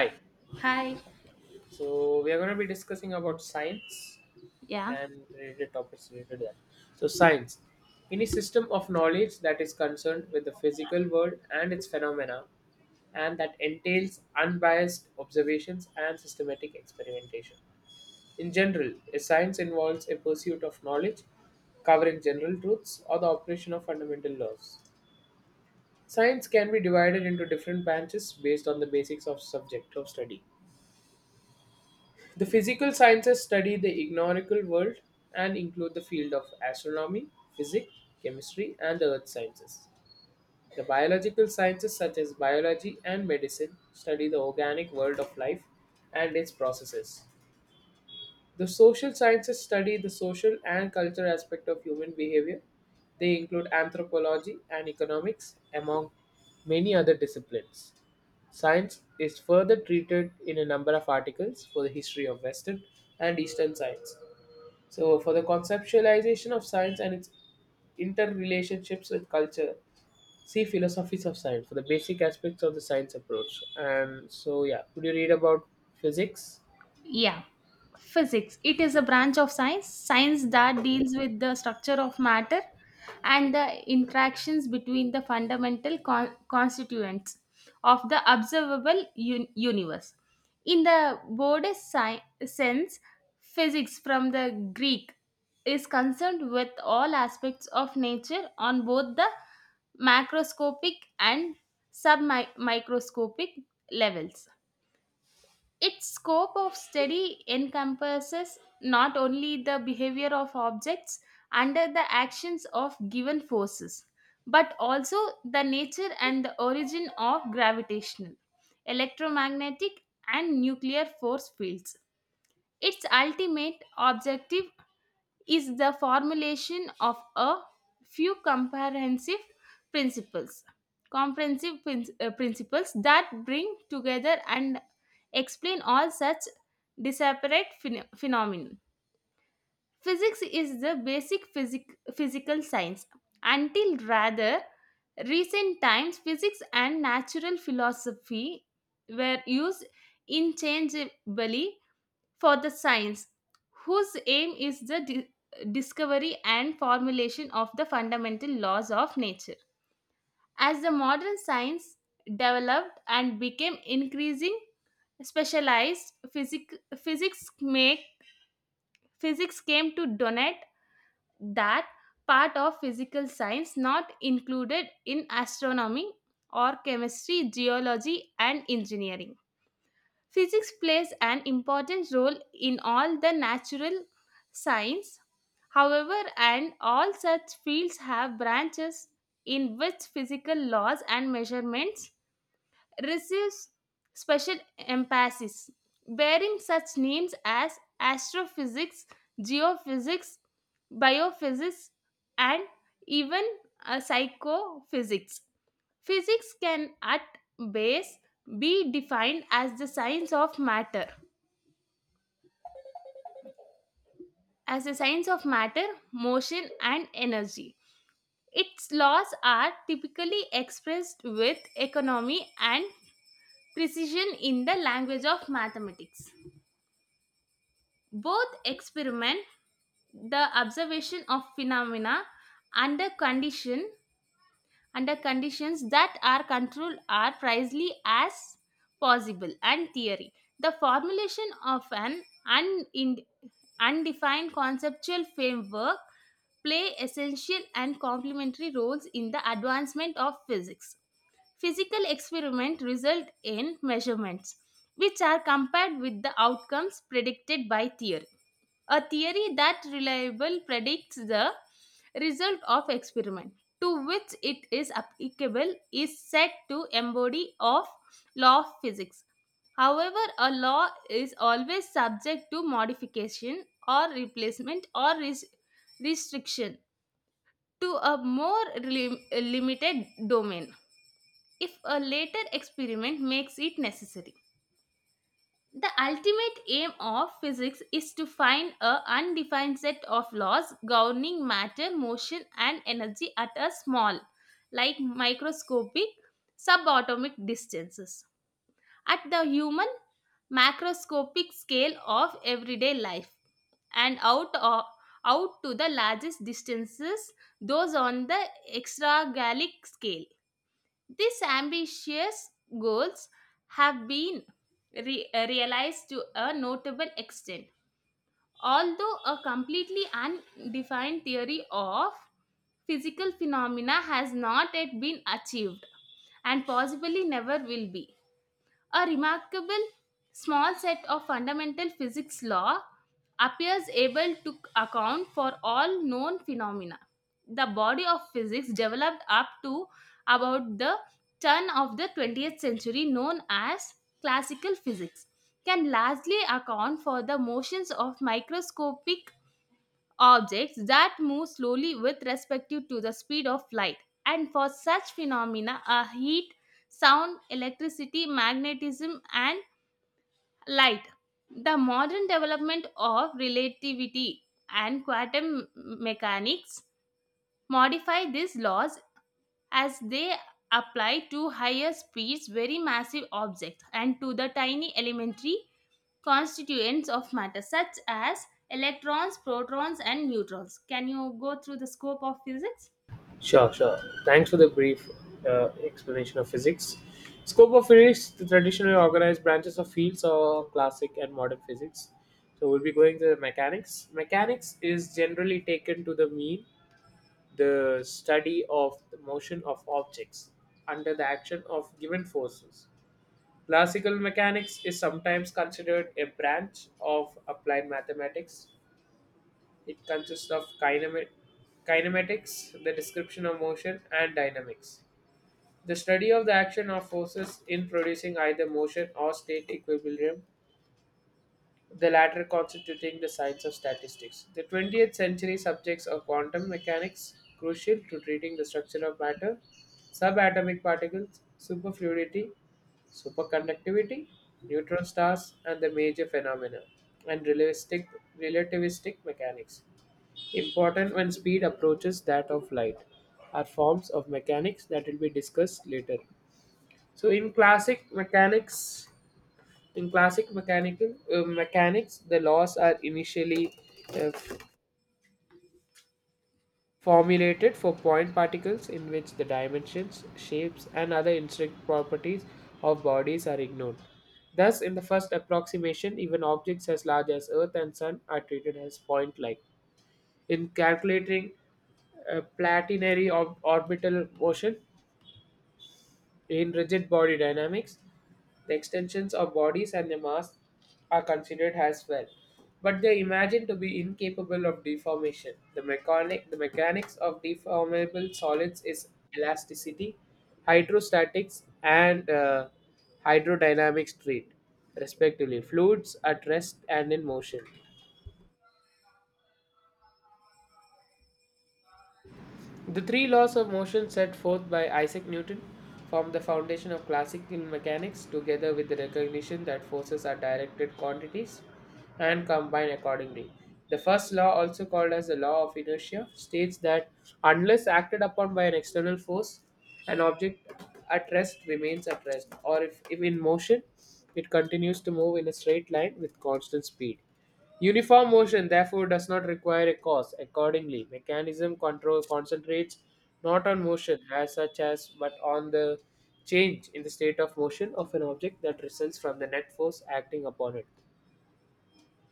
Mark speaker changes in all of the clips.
Speaker 1: Hi.
Speaker 2: Hi.
Speaker 1: So we are going to be discussing about science
Speaker 2: Yeah.
Speaker 1: and related topics related to that. So science, any system of knowledge that is concerned with the physical world and its phenomena, and that entails unbiased observations and systematic experimentation. In general, a science involves a pursuit of knowledge covering general truths or the operation of fundamental laws. Science can be divided into different branches based on the basics of subject of study. The physical sciences study the ignorable world and include the field of astronomy, physics, chemistry, and earth sciences. The biological sciences, such as biology and medicine, study the organic world of life and its processes. The social sciences study the social and cultural aspect of human behavior. They include anthropology and economics, among many other disciplines. Science is further treated in a number of articles for the history of Western and Eastern science. So, for the conceptualization of science and its interrelationships with culture, see philosophies of science for the basic aspects of the science approach. And so, yeah, could you read about physics?
Speaker 2: Yeah. Physics. It is a branch of science that deals with the structure of matter and the interactions between the fundamental constituents of the observable universe. In the broadest sense, physics from the Greek is concerned with all aspects of nature on both the macroscopic and submicroscopic levels. Its scope of study encompasses not only the behavior of objects under the actions of given forces, but also the nature and the origin of gravitational, electromagnetic, and nuclear force fields. Its ultimate objective is the formulation of a few comprehensive principles principles that bring together and explain all such disparate phenomena. Physics is the basic physical science. Until rather recent times, physics and natural philosophy were used interchangeably for the science, whose aim is the discovery and formulation of the fundamental laws of nature. As the modern science developed and became increasing specialized, physics came to dominate that part of physical science not included in astronomy or chemistry, geology, and engineering. Physics plays an important role in all the natural science, however, and all such fields have branches in which physical laws and measurements receives special emphasis, bearing such names as astrophysics, geophysics, biophysics, and even psychophysics. Physics can, at base, be defined as the science of matter, motion, and energy. Its laws are typically expressed with economy and precision in the language of mathematics. Both experiment, the observation of phenomena under condition under conditions that are controlled are precisely as possible, and theory. The formulation of an unind- undefined conceptual framework play essential and complementary roles in the advancement of physics. Physical experiments result in measurements, which are compared with the outcomes predicted by theory. A theory that reliable predicts the result of experiment to which it is applicable is said to embody of law of physics. However, a law is always subject to modification or replacement or restriction to a more limited domain if a later experiment makes it necessary. The ultimate aim of physics is to find a undefined set of laws governing matter, motion, and energy at a small, like microscopic, subatomic distances, at the human macroscopic scale of everyday life, and out to the largest distances, those on the extragalactic scale. These ambitious goals have been realized to a notable extent, although a completely undefined theory of physical phenomena has not yet been achieved and possibly never will be. A remarkable small set of fundamental physics law appears able to account for all known phenomena. The body of physics developed up to about the turn of the 20th century, known as classical physics, can largely account for the motions of microscopic objects that move slowly with respect to the speed of light. And for such phenomena are heat, sound, electricity, magnetism, and light. The modern development of relativity and quantum mechanics modify these laws as they apply to higher speeds, very massive objects, and to the tiny elementary constituents of matter such as electrons, protons, and neutrons. Can you go through the scope of physics?
Speaker 1: Sure, sure. Thanks for the brief explanation of physics. Scope of physics, the traditionally organized branches of fields of classic and modern physics. So we'll be going to the mechanics. Mechanics is generally taken to the mean the study of the motion of objects under the action of given forces. Classical mechanics is sometimes considered a branch of applied mathematics. It consists of kinematics, the description of motion, and dynamics. The study of the action of forces in producing either motion or state equilibrium, the latter constituting the science of statistics. The 20th century subjects of quantum mechanics, crucial to treating the structure of matter, subatomic particles, superfluidity, superconductivity, neutron stars, and the major phenomena, and realistic relativistic mechanics. Important when speed approaches that of light are forms of mechanics that will be discussed later. So in classic mechanics, in classic mechanical mechanics, the laws are initially uh, f- formulated for point particles in which the dimensions, shapes, and other intrinsic properties of bodies are ignored. Thus, in the first approximation, even objects as large as Earth and Sun are treated as point-like in calculating orbital motion in rigid body dynamics. The extensions of bodies and their mass are considered as well, but they are imagined to be incapable of deformation. The mechanics of deformable solids is elasticity, hydrostatics, and hydrodynamics treat, respectively, fluids at rest and in motion. The three laws of motion set forth by Isaac Newton form the foundation of classical mechanics, together with the recognition that forces are directed quantities and combine accordingly. The first law, also called as the law of inertia, states that unless acted upon by an external force, an object at rest remains at rest, or if in motion, it continues to move in a straight line with constant speed. Uniform motion therefore does not require a cause. Accordingly, mechanism control concentrates not on motion as such as but on the change in the state of motion of an object that results from the net force acting upon it.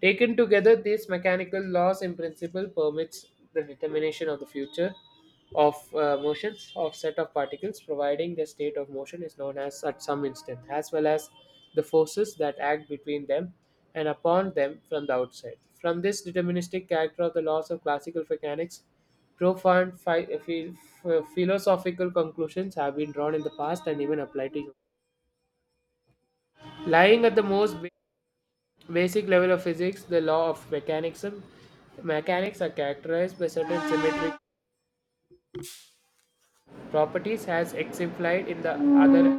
Speaker 1: Taken together, these mechanical laws in principle permits the determination of the future of motions of set of particles, providing the state of motion is known as at some instant, as well as the forces that act between them and upon them from the outside. From this deterministic character of the laws of classical mechanics, profound philosophical conclusions have been drawn in the past and even applied to you. Lying at the most basic level of physics, the law of mechanics are characterized by certain symmetric properties as exemplified in the other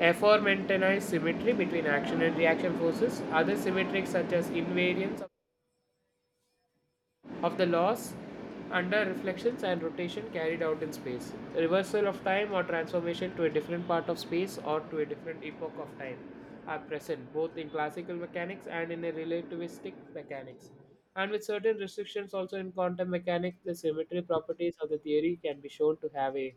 Speaker 1: aforementioned symmetry between action and reaction forces. Other symmetrics such as invariance of the laws under reflections and rotation carried out in space, reversal of time or transformation to a different part of space or to a different epoch of time are present both in classical mechanics and in a relativistic mechanics. And with certain restrictions also in quantum mechanics, the symmetry properties of the theory can be shown to have a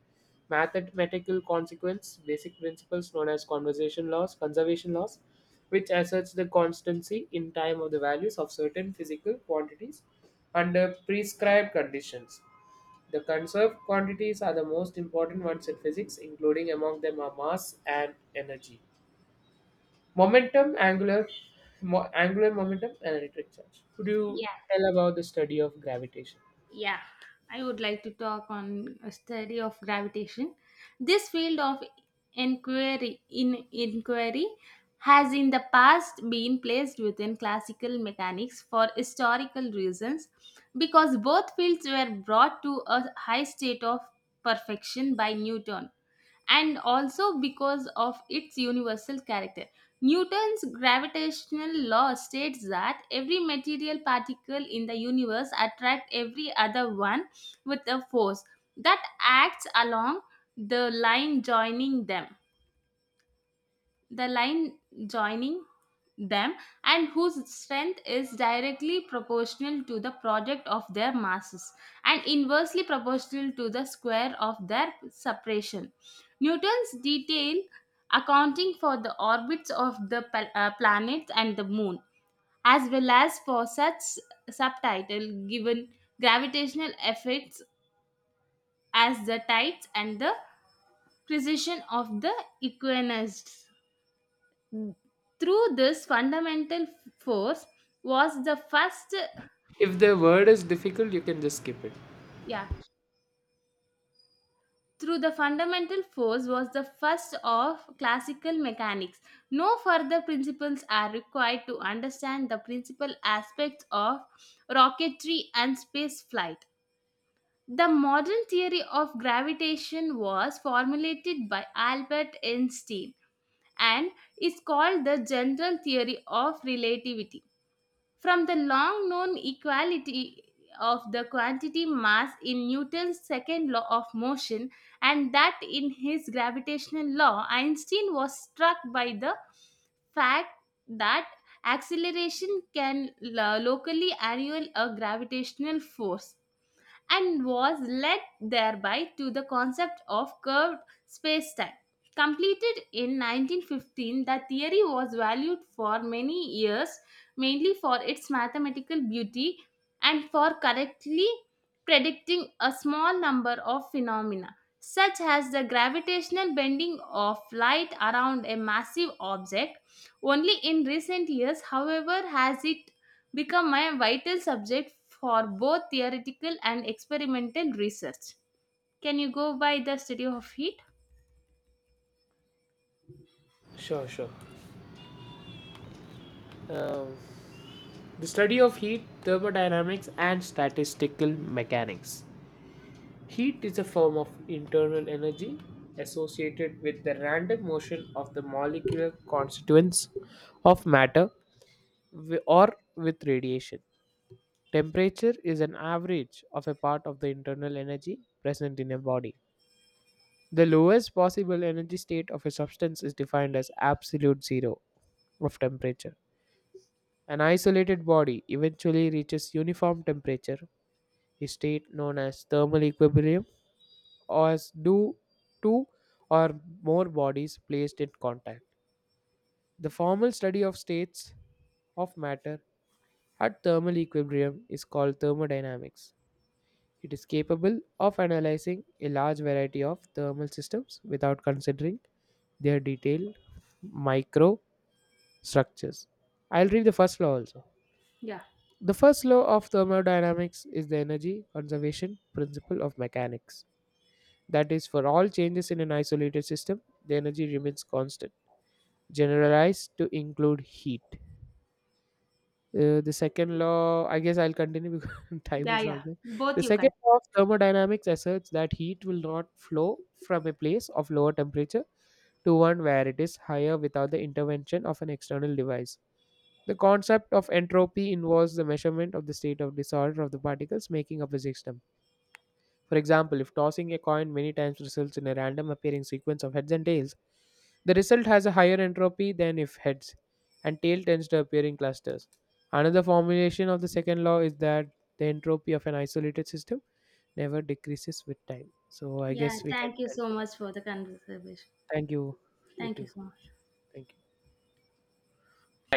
Speaker 1: mathematical consequence, basic principles known as conservation laws, which asserts the constancy in time of the values of certain physical quantities under prescribed conditions. The conserved quantities are the most important ones in physics, including among them are mass and energy. Momentum, angular momentum, and electric charge. Could you
Speaker 2: Yeah.
Speaker 1: tell about the study of gravitation?
Speaker 2: Yeah, I would like to talk on a study of gravitation. This field of inquiry has in the past been placed within classical mechanics for historical reasons, because both fields were brought to a high state of perfection by Newton, and also because of its universal character. Newton's gravitational law states that every material particle in the universe attracts every other one with a force that acts along the line joining them the line joining them, and whose strength is directly proportional to the product of their masses and inversely proportional to the square of their separation. Newton's detail accounting for the orbits of the planets and the moon, as well as for such subtitle given gravitational effects as the tides and the precession of the equinoxes. Mm. Through this fundamental force was the first,
Speaker 1: If the word is difficult, you can just skip it.
Speaker 2: yeah, through the fundamental force was the first of classical mechanics. No further principles are required to understand the principal aspects of rocketry and space flight. The modern theory of gravitation was formulated by Albert Einstein and is called the general theory of relativity. From the long known equality of the quantity mass in Newton's second law of motion, and that in his gravitational law, Einstein was struck by the fact that acceleration can locally annul a gravitational force, and was led thereby to the concept of curved spacetime. Completed in 1915, the theory was valued for many years, mainly for its mathematical beauty and for correctly predicting a small number of phenomena, such as the gravitational bending of light around a massive object. Only in recent years, however, has it become a vital subject for both theoretical and experimental research. Can you go by the study of heat?
Speaker 1: Sure, sure. Um, the study of heat, thermodynamics, and statistical mechanics. Heat is a form of internal energy associated with the random motion of the molecular constituents of matter or with radiation. Temperature is an average of a part of the internal energy present in a body. The lowest possible energy state of a substance is defined as absolute zero of temperature. An isolated body eventually reaches uniform temperature, a state known as thermal equilibrium as do two or more bodies placed in contact. The formal study of states of matter at thermal equilibrium is called thermodynamics. It is capable of analyzing a large variety of thermal systems without considering their detailed microstructures. I'll read the first law also.
Speaker 2: Yeah,
Speaker 1: The first law of thermodynamics is the energy conservation principle of mechanics. That is, for all changes in an isolated system, the energy remains constant, generalized to include heat. The second law, I guess I'll continue because time
Speaker 2: yeah,
Speaker 1: is
Speaker 2: yeah.
Speaker 1: not there.
Speaker 2: Both
Speaker 1: The
Speaker 2: you can.
Speaker 1: second law of thermodynamics asserts that heat will not flow from a place of lower temperature to one where it is higher without the intervention of an external device. The concept of entropy involves the measurement of the state of disorder of the particles making up a system. For example, if tossing a coin many times results in a random appearing sequence of heads and tails, the result has a higher entropy than if heads, and tail tends to appear in clusters. Another formulation of the second law is that the entropy of an isolated system never decreases with time. So I
Speaker 2: Yeah,
Speaker 1: guess we can
Speaker 2: thank you
Speaker 1: end
Speaker 2: so
Speaker 1: it up.
Speaker 2: much for the conversation.
Speaker 1: Thank you. You
Speaker 2: Thank you
Speaker 1: too.
Speaker 2: so much.
Speaker 1: Thank you.